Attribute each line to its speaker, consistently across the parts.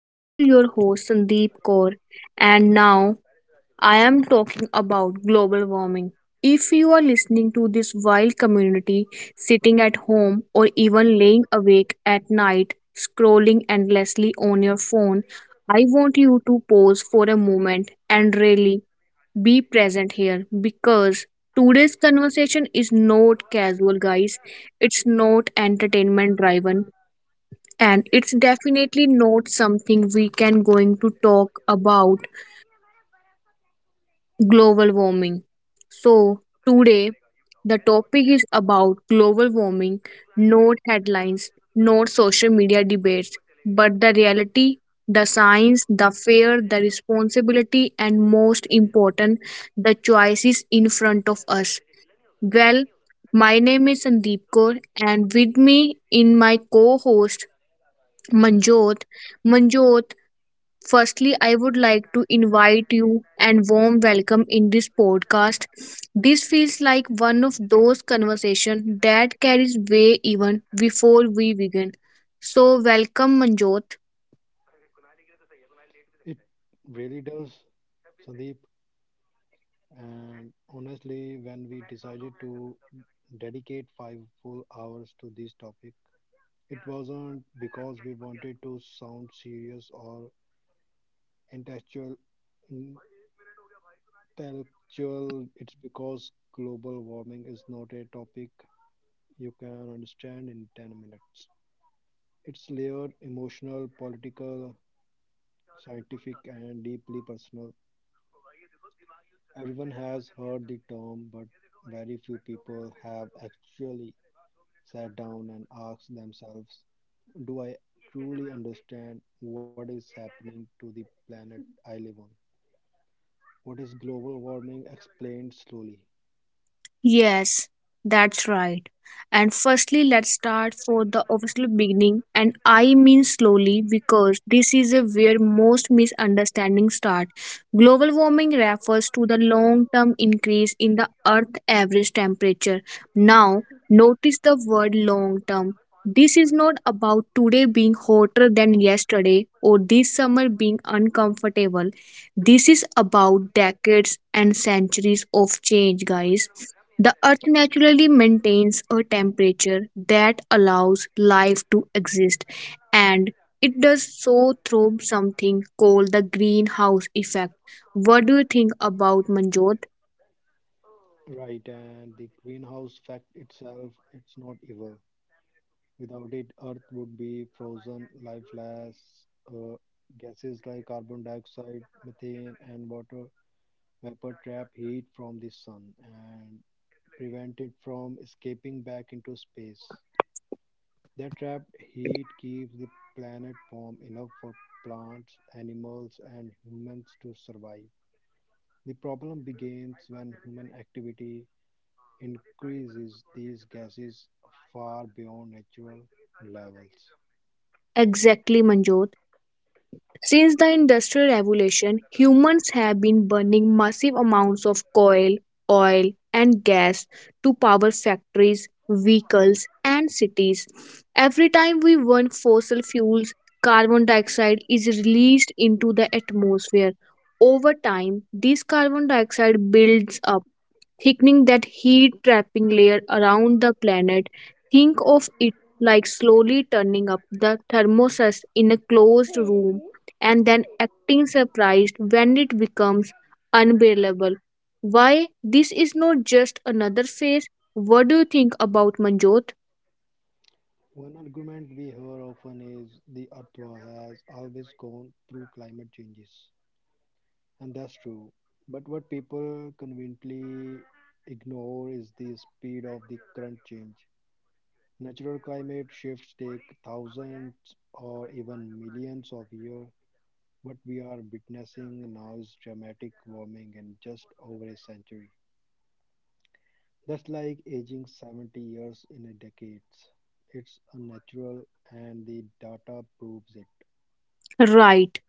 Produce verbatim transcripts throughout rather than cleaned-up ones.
Speaker 1: I am your host Sandeep Kaur, and now I am talking about global warming. If you are listening to this while community sitting at home or even laying awake at night scrolling endlessly on your phone, I want you to pause for a moment and really be present here because today's conversation is not casual, guys. It's not entertainment driven and it's definitely not something we can going to talk about global warming. So, today the topic is about global warming, not headlines, not social media debates, but the reality, the science, the fear, the responsibility, and most important, the choices in front of us. Well, my name is Sandeep Kaur, and with me in my co host, Manjot. Manjot, firstly, I would like to invite you and warm welcome in this podcast. This feels like one of those conversations that carries way even before we begin. So, welcome, Manjot.
Speaker 2: It really does, Sandeep. And honestly, when we decided to dedicate five full hours to this topic, it was wasn't because we wanted to sound serious or intellectual. intellectual. It's because global warming is not a topic you can understand in ten minutes. It's layered emotional, political, scientific, and deeply personal. Everyone has heard the term, but very few people have actually sat down and asked themselves, do I truly understand what is happening to the planet I live on? What is global warming explained slowly?
Speaker 1: Yes, that's right. And firstly, let's start for the official beginning, and I mean slowly because this is a where most misunderstandings start. Global warming refers to the long term increase in the Earth average temperature. Now, notice the word long term. This is not about today being hotter than yesterday or this summer being uncomfortable. This is about decades and centuries of change, guys. The earth naturally maintains a temperature that allows life to exist, and it does so through something called the greenhouse effect. What do you think about Manjot?
Speaker 2: Right, and the greenhouse fact itself, it's not evil. Without it, Earth would be frozen, lifeless. Uh, Gases like carbon dioxide, methane, and water vapor trap heat from the sun and prevent it from escaping back into space. That trapped heat keeps the planet warm enough for plants, animals, and humans to survive. The problem begins when human activity increases these gases far beyond natural levels.
Speaker 1: Exactly, Manjot. Since the Industrial Revolution, humans have been burning massive amounts of coal, oil, and gas to power factories, vehicles, and cities. Every time we burn fossil fuels, carbon dioxide is released into the atmosphere. Over time, this carbon dioxide builds up thickening that heat trapping layer around the planet. Think of it like slowly turning up the thermostat in a closed room and then acting surprised when it becomes unbearable. Why this is not just another phase? What do you think about Manjot?
Speaker 2: One argument we hear often is the Earth has always gone through climate changes. And that's true. But what people conveniently ignore is the speed of the current change. Natural climate shifts take thousands or even millions of years. What we are witnessing now is dramatic warming in just over a century. That's like aging seventy years in a decade. It's unnatural, and the data proves it.
Speaker 1: Right.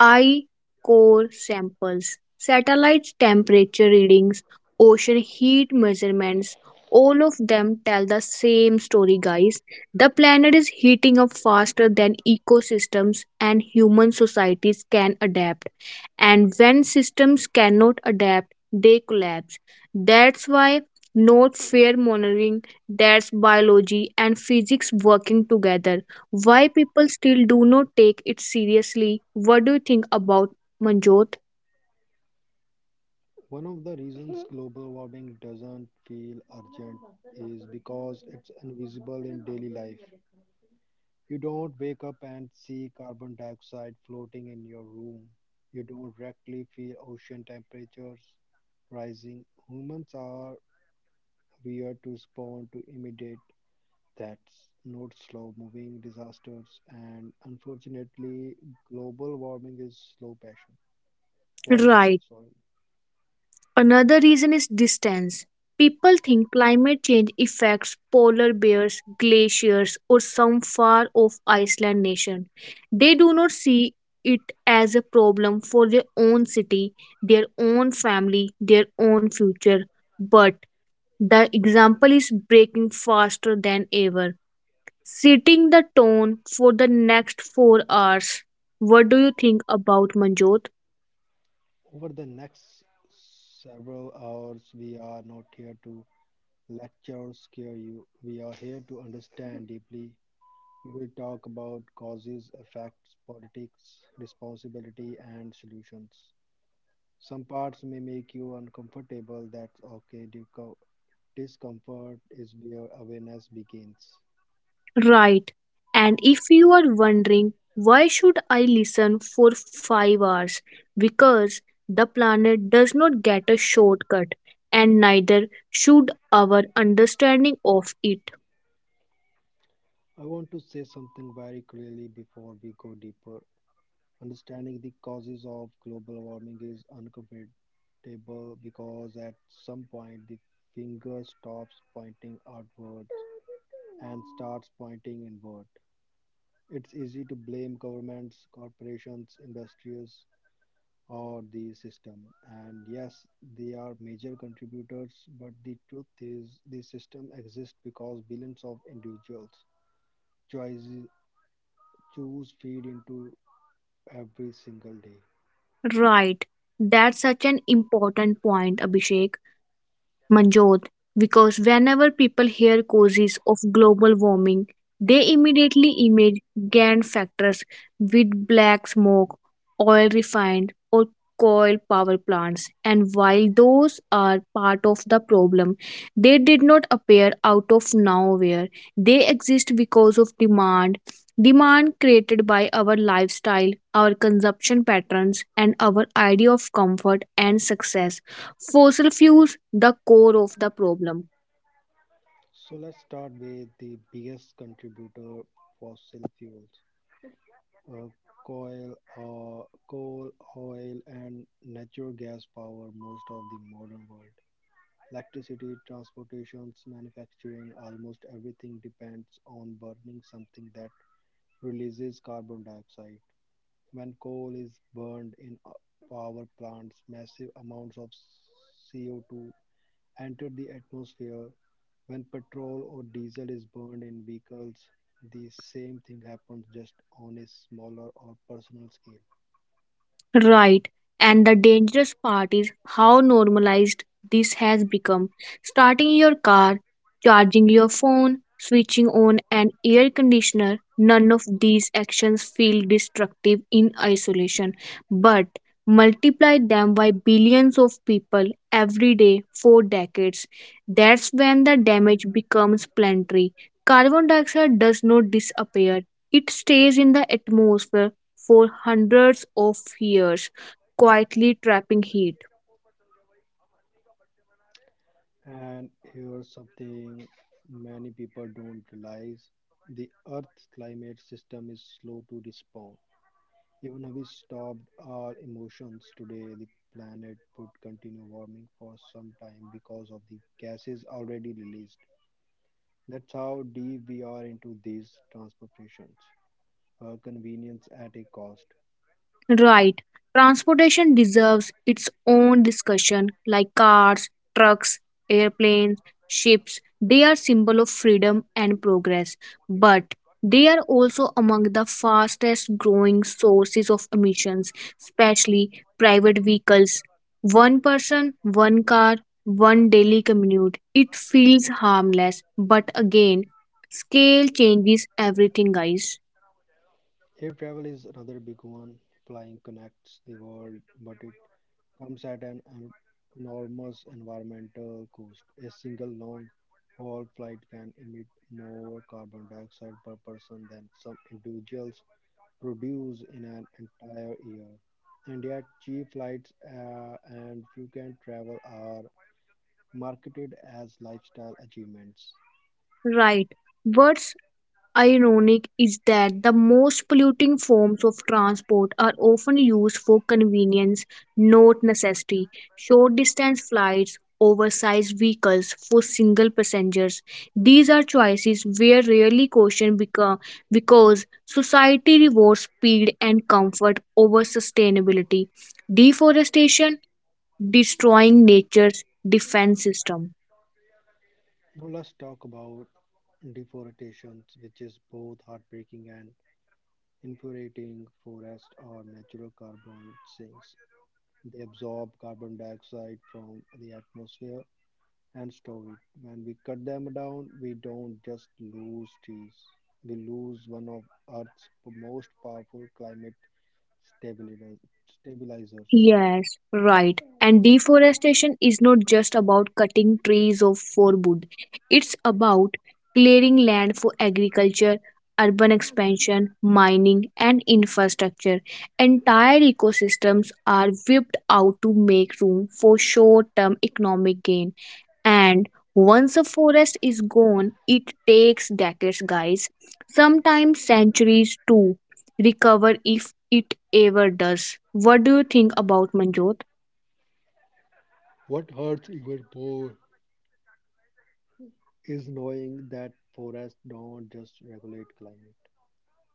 Speaker 1: Eye core samples, satellite temperature readings, ocean heat measurements, all of them tell the same story, guys. The planet is heating up faster than ecosystems and human societies can adapt. And when systems cannot adapt, they collapse. That's why not fair monitoring, that's biology and physics working together why people still do not take it seriously? What do you think about Manjot?
Speaker 2: One of the reasons global warming doesn't feel urgent is because it's invisible in daily life. You don't wake up and see carbon dioxide floating in your room. You don't directly feel ocean temperatures rising. Humans are weird to respond to immediate threats, not slow moving disasters. And unfortunately, global warming is slow passion.
Speaker 1: Right.
Speaker 2: Poison, sorry.
Speaker 1: Another reason is distance. People think climate change affects polar bears, glaciers, or some far off Iceland nation. They do not see it as a problem for their own city, their own family, their own future. But the example is breaking faster than ever, setting the tone for the next four hours. What do you think about Manjot?
Speaker 2: Over the next several hours, we are not here to lecture or scare you. We are here to understand deeply. We will talk about causes, effects, politics, responsibility, and solutions. Some parts may make you uncomfortable. That's okay. Disco- Discomfort is where awareness begins.
Speaker 1: Right. And if you are wondering why should I listen for five hours? Because the planet does not get a shortcut, and neither should our understanding of it.
Speaker 2: I want to say something very clearly before we go deeper. Understanding the causes of global warming is uncomfortable because at some point the finger stops pointing outward and starts pointing inward. It's easy to blame governments, corporations, industries, or the system. And yes, they are major contributors, but the truth is the system exists because billions of individuals choices, choose feed into every single day.
Speaker 1: Right. That's such an important point, Abhishek. Manjot, because whenever people hear causes of global warming, they immediately image G A N factors with black smoke, oil refined, or coal power plants. And while those are part of the problem, they did not appear out of nowhere. They exist because of demand. Demand created by our lifestyle, our consumption patterns, and our idea of comfort and success. Fossil fuels, the core of the problem.
Speaker 2: So let's start with the biggest contributor, fossil fuels. Uh, coal, uh, coal, oil, and natural gas power most of the modern world. Electricity, transportations, manufacturing, almost everything depends on burning something that releases carbon dioxide. When coal is burned in uh, power plants, massive amounts of C O two enter the atmosphere when petrol or diesel is burned in vehicles, the same thing happens just on a smaller or personal scale.
Speaker 1: Right. And the dangerous part is how normalized this has become. Starting your car, charging your phone, switching on an air conditioner, none of these actions feel destructive in isolation. But multiply them by billions of people every day for decades. That's when the damage becomes planetary. Carbon dioxide does not disappear, it stays in the atmosphere for hundreds of years, quietly trapping heat.
Speaker 2: And here's something many people don't realize the Earth's climate system is slow to respond. Even if we stopped our emotions today, the planet would continue warming for some time because of the gases already released. That's how deep we are into these transformations. A convenience at a cost.
Speaker 1: Right. Transportation deserves its own discussion, like cars, trucks, airplanes, ships. They are symbol of freedom and progress, but they are also among the fastest growing sources of emissions, especially private vehicles. One person, one car, one daily commute. It feels harmless, but again, scale changes everything, guys.
Speaker 2: Air travel is another big one. Flying connects the world, but it comes at an en- enormous environmental cost. A single long haul flight can emit more carbon dioxide per person than some individuals produce in an entire year. And yet, cheap flights uh, and frequent travel are marketed as lifestyle achievements.
Speaker 1: Right. What's ironic is that the most polluting forms of transport are often used for convenience, not necessity. Short distance flights, oversized vehicles for single passengers. These are choices where rarely caution beca- because society rewards speed and comfort over sustainability. Deforestation, destroying nature's defense system.
Speaker 2: Now, let's talk about deforestation, which is both heartbreaking and infuriating forests are natural carbon sinks. They absorb carbon dioxide from the atmosphere and store it. When we cut them down, we don't just lose trees. We lose one of Earth's most powerful climate stabilis- stabilizers.
Speaker 1: Yes, right. And deforestation is not just about cutting trees of for wood. It's about clearing land for agriculture, urban expansion, mining, and infrastructure. Entire ecosystems are wiped out to make room for short-term economic gain. And once a forest is gone, it takes decades, guys, sometimes centuries to recover if it ever does. What do you think about Manjot?
Speaker 2: What hurts even more is knowing that forests don't just regulate climate.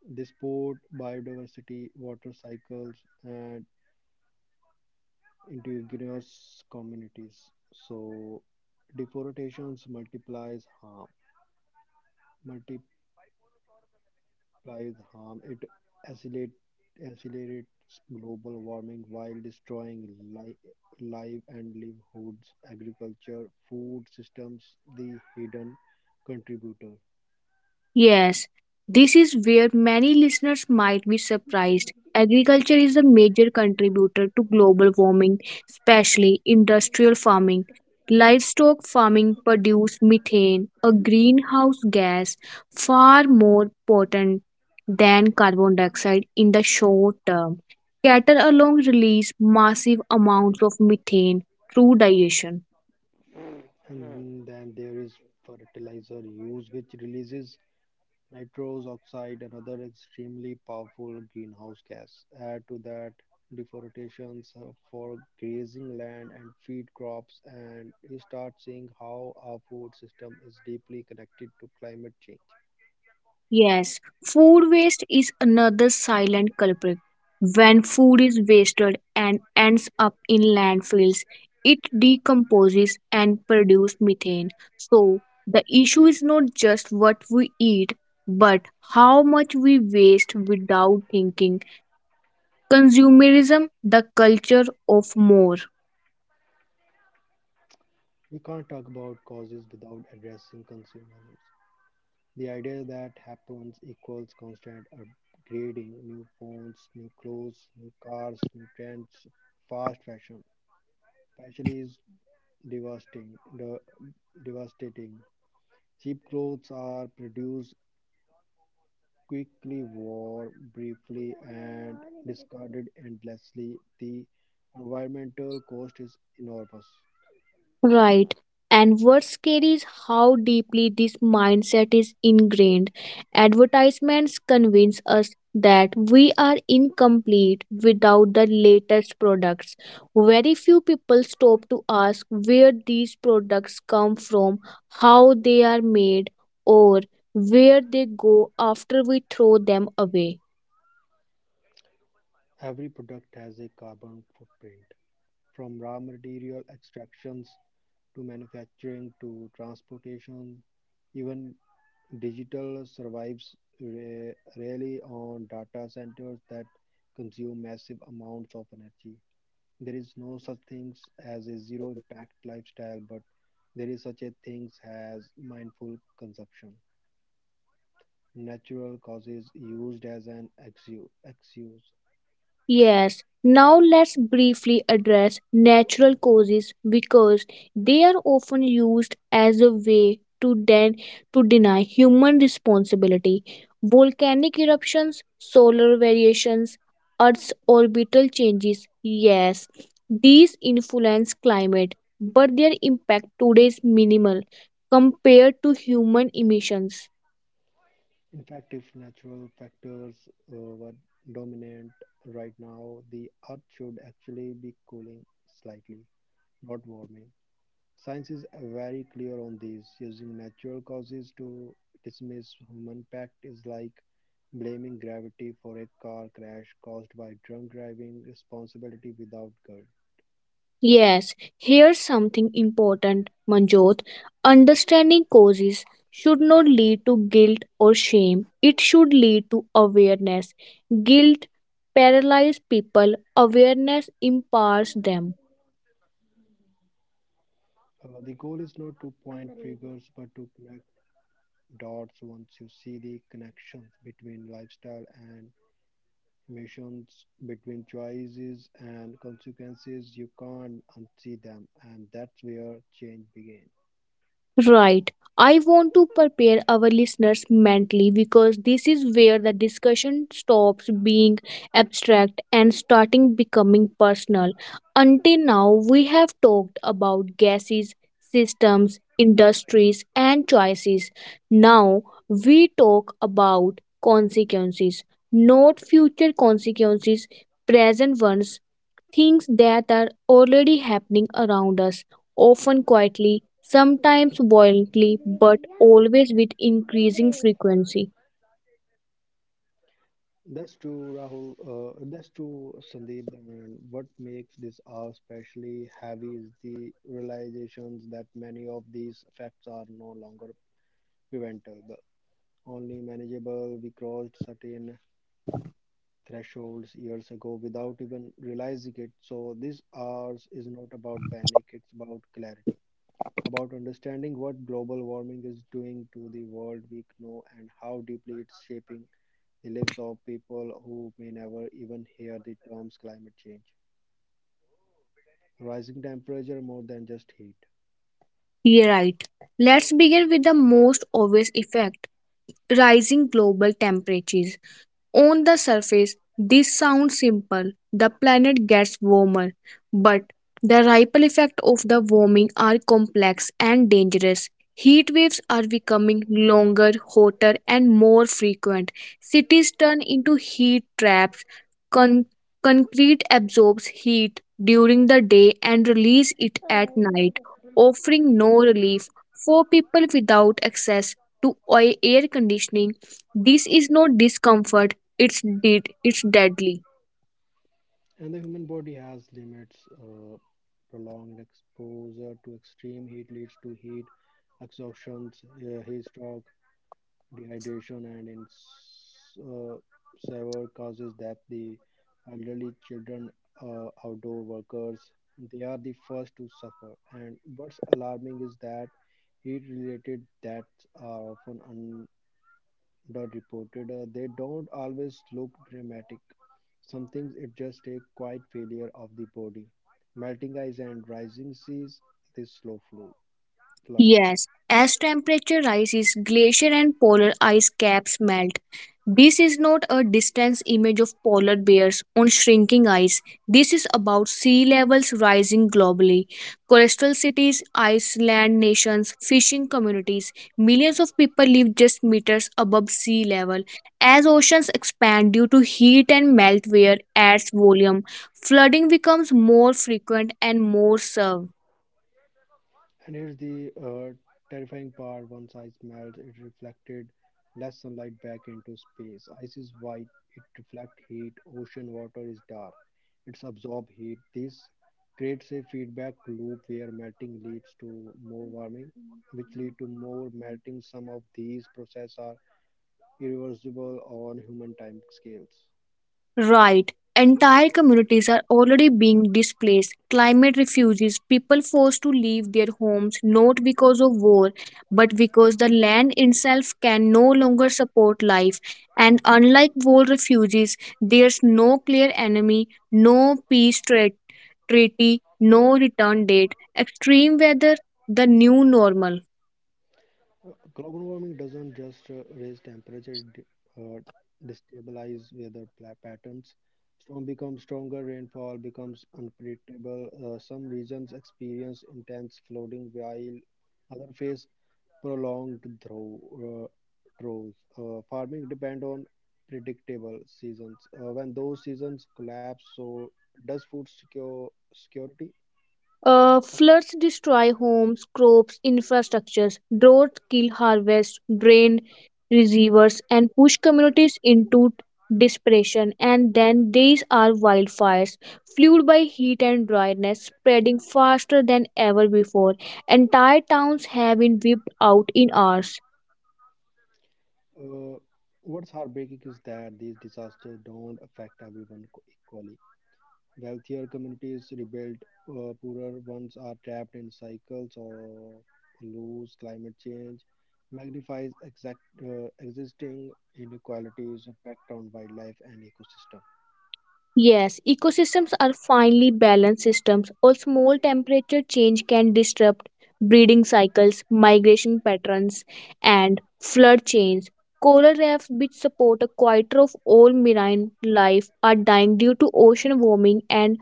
Speaker 2: They support biodiversity, water cycles, and indigenous communities. So deforestations multiplies harm, multiplies harm. It accelerate, accelerates global warming while destroying li- live and livelihoods, agriculture, food systems, the hidden contributor.
Speaker 1: Yes, this is where many listeners might be surprised. Agriculture is a major contributor to global warming, especially industrial farming. Livestock farming produces methane, a greenhouse gas far more potent than carbon dioxide in the short term. Cattle alone release massive amounts of methane through digestion.
Speaker 2: Hmm. And then there is fertilizer use, which releases nitrous oxide, another extremely powerful greenhouse gas. Add to that deforestations uh, for grazing land and feed crops, and you start seeing how our food system is deeply connected to climate change.
Speaker 1: Yes, food waste is another silent culprit. When food is wasted and ends up in landfills, it decomposes and produces methane. So, the issue is not just what we eat, but how much we waste without thinking. Consumerism, the culture of more.
Speaker 2: We can't talk about causes without addressing consumers. The idea that happens equals constant upgrading new phones, new clothes, new cars, new trends, fast fashion. Especially is devastating, the- devastating Cheap clothes are produced quickly, worn briefly, and discarded endlessly. The environmental cost is enormous.
Speaker 1: Right. And what's scary is how deeply this mindset is ingrained. Advertisements convince us that we are incomplete without the latest products. Very few people stop to ask where these products come from, how they are made, or where they go after we throw them away.
Speaker 2: Every product has a carbon footprint, from raw material extractions to manufacturing to transportation. Even digital survives re- rarely on data centers that consume massive amounts of energy. There is no such things as a zero impact lifestyle, but there is such a things as mindful consumption. Natural causes used as an exu- excuse.
Speaker 1: Yes, now let's briefly address natural causes because they are often used as a way to den- to deny human responsibility. Volcanic eruptions, solar variations, Earth's orbital changes. Yes, these influence climate, but their impact today is minimal compared to human emissions.
Speaker 2: In fact, if natural factors uh, were dominant right now, the earth should actually be cooling slightly, not warming. Science is very clear on this. Using natural causes to dismiss human pact is like blaming gravity for a car crash caused by drunk driving, responsibility without guilt.
Speaker 1: Yes, here's something important, Manjot. Understanding causes should not lead to guilt or shame. It should lead to awareness. Guilt paralyzes people, awareness empowers them.
Speaker 2: Uh, the goal is not to point fingers, but to connect dots once you see the connections between lifestyle and emissions, between choices and consequences. You can't unsee them, and that's where change begins.
Speaker 1: Right. I want to prepare our listeners mentally because this is where the discussion stops being abstract and starting becoming personal. Until now, we have talked about gases, systems, industries, and choices. Now, we talk about consequences, not future consequences, present ones things that are already happening around us, often quietly, sometimes violently,
Speaker 2: Great,
Speaker 1: but
Speaker 2: Bhaiya.
Speaker 1: always with
Speaker 2: Doing
Speaker 1: increasing
Speaker 2: great.
Speaker 1: frequency.
Speaker 2: That's true, Rahul. Uh, that's true, Sandeep. And what makes this hour especially heavy is the realizations that many of these facts are no longer preventable, only manageable. We crossed certain thresholds years ago without even realizing it. So this hours is not about panic; it's about clarity, about understanding what global warming is doing to the world we know and how deeply it's shaping the lives of people who may never even hear the terms climate change. Rising temperature more than just heat.
Speaker 1: You're right. Let's begin with the most obvious effect rising global temperatures. On the surface, this sounds simple the planet gets warmer, but the ripple effects of the warming are complex and dangerous. Heat waves are becoming longer, hotter, and more frequent. Cities turn into heat traps. Con- Concrete absorbs heat during the day and releases it at night, offering no relief for people without access to oi- air conditioning. This is not discomfort it's dead. It's deadly.
Speaker 2: And the human body has limits. Uh, prolonged exposure to extreme heat leads to heat exhaustion, uh, heat stroke, dehydration and in s- uh, severe causes that the elderly children, uh, outdoor workers, they are the first to suffer. And what's alarming is that heat-related deaths are often underreported. Uh, they don't always look dramatic. Sometimes it just a quiet failure of the body. Melting ice and rising seas, this slow flo- flood.
Speaker 1: Yes, as temperature rises, glacier and polar ice caps melt. This is not a distant image of polar bears on shrinking ice. This is about sea levels rising globally. Coastal cities, island nations, fishing communities, millions of people live just meters above sea level. As oceans expand due to heat and melt wear adds volume, flooding becomes more frequent and more severe.
Speaker 2: And here's the uh, terrifying part once ice melts, it reflected less sunlight back into space. Ice is white, it reflects heat, ocean water is dark, it's absorb heat. This creates a feedback loop where melting leads to more warming, which lead to more melting. Some of these processes are irreversible on human time scales.
Speaker 1: Right. Entire communities are already being displaced. Climate refugees, people forced to leave their homes not because of war, but because the land itself can no longer support life. And unlike war refugees, there's no clear enemy, no peace tra- treaty, no return date. Extreme weather, the new normal.
Speaker 2: Uh, Global warming doesn't just uh, raise temperature, it d- uh, destabilize weather pla- patterns. Storm becomes stronger, rainfall becomes unpredictable. Uh, some regions experience intense flooding, while others face prolonged drought. Uh, droughts. Uh, farming depend on predictable seasons. Uh, when those seasons collapse, so does food secure security?
Speaker 1: Uh, floods destroy homes, crops, infrastructures. Droughts kill harvests, drain receivers, and push communities into desperation. And then these are wildfires, fueled by heat and dryness, spreading faster than ever before. Entire towns have been wiped out in hours.
Speaker 2: Uh, what's heartbreaking is that these disasters don't affect everyone co- equally. Wealthier communities rebuild, uh, poorer ones are trapped in cycles or lose. Climate change magnifies exact, uh, existing inequalities impact on wildlife and ecosystem.
Speaker 1: Yes, ecosystems are finely balanced systems, or small temperature change can disrupt breeding cycles, migration patterns, and flood chains. Coral reefs, which support a quarter of all marine life, are dying due to ocean warming, and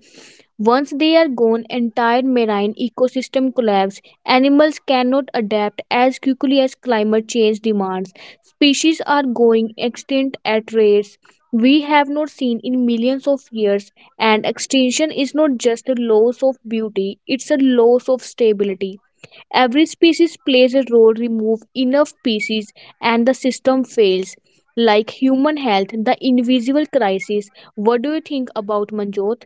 Speaker 1: once they are gone, entire marine ecosystem collapse. Animals cannot adapt as quickly as climate change demands. Species are going extinct at rates we have not seen in millions of years, and extinction is not just a loss of beauty, it's a loss of stability. Every species plays a role, remove enough species, and the system fails. Like human health, the invisible crisis. What do you think about Manjot?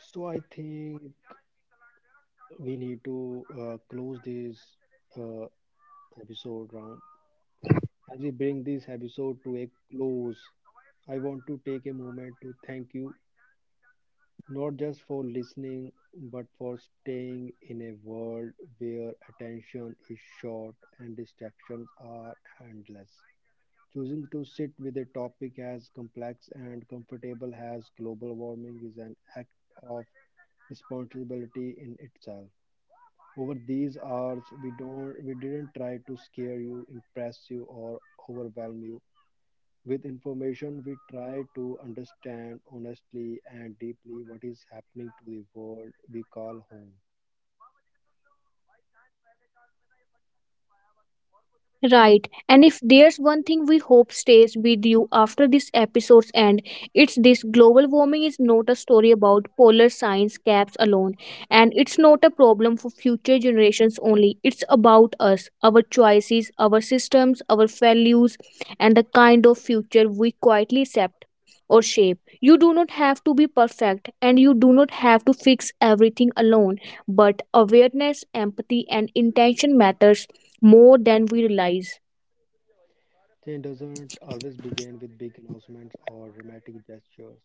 Speaker 2: So I think we need to uh, close this uh, episode round as we bring this episode to a close. I want to take a moment to thank you, not just for listening, but for staying in a world where attention is short and distractions are endless. Choosing to sit with a topic as complex and comfortable as global warming is an act of responsibility in itself. Over these hours, we don't, we didn't try to scare you, impress you, or overwhelm you. With information, we try to understand honestly and deeply what is happening to the world we call home.
Speaker 1: Right. And if there's one thing we hope stays with you after this episode's end, it's this global warming is not a story about polar science caps alone. And it's not a problem for future generations only. It's about us, our choices, our systems, our values, and the kind of future we quietly accept or shape. You do not have to be perfect and you do not have to fix everything alone, but awareness, empathy and intention matters more than we realize.
Speaker 2: Change doesn't always begin with big announcements or dramatic gestures.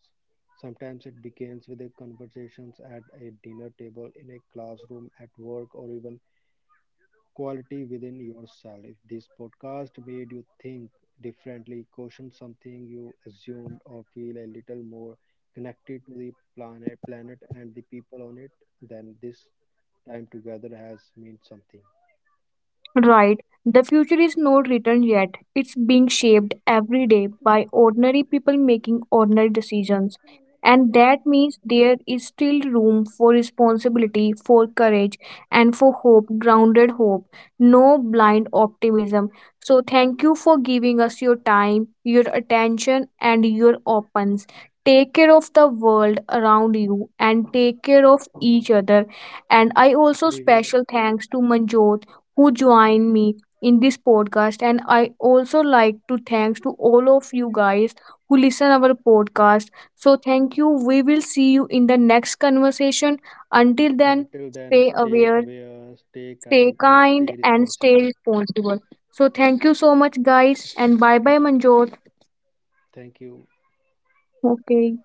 Speaker 2: Sometimes it begins with a conversations at a dinner table, in a classroom, at work, or even quality within yourself. If this podcast made you think differently, question something you assumed, or feel a little more connected to the planet, planet and the people on it, then this time together has meant something.
Speaker 1: Right. The future is not written yet. It's being shaped every day by ordinary people making ordinary decisions. And that means there is still room for responsibility, for courage, and for hope, grounded hope, no blind optimism. So, thank you for giving us your time, your attention, and your opens. Take care of the world around you and take care of each other. And I also
Speaker 2: We will,
Speaker 1: special thanks to Manjot who joined me in this podcast and I also like to thanks to all of you guys who listen our podcast. So thank you. We will see you in the next conversation. Until then,
Speaker 2: until then,
Speaker 1: stay
Speaker 2: stay
Speaker 1: aware,
Speaker 2: aware, stay
Speaker 1: stay
Speaker 2: kind, and
Speaker 1: kind
Speaker 2: stay
Speaker 1: and stay
Speaker 2: responsible.
Speaker 1: responsible. So thank you so much guys and bye bye Manjot.
Speaker 2: Thank you.
Speaker 1: Okay.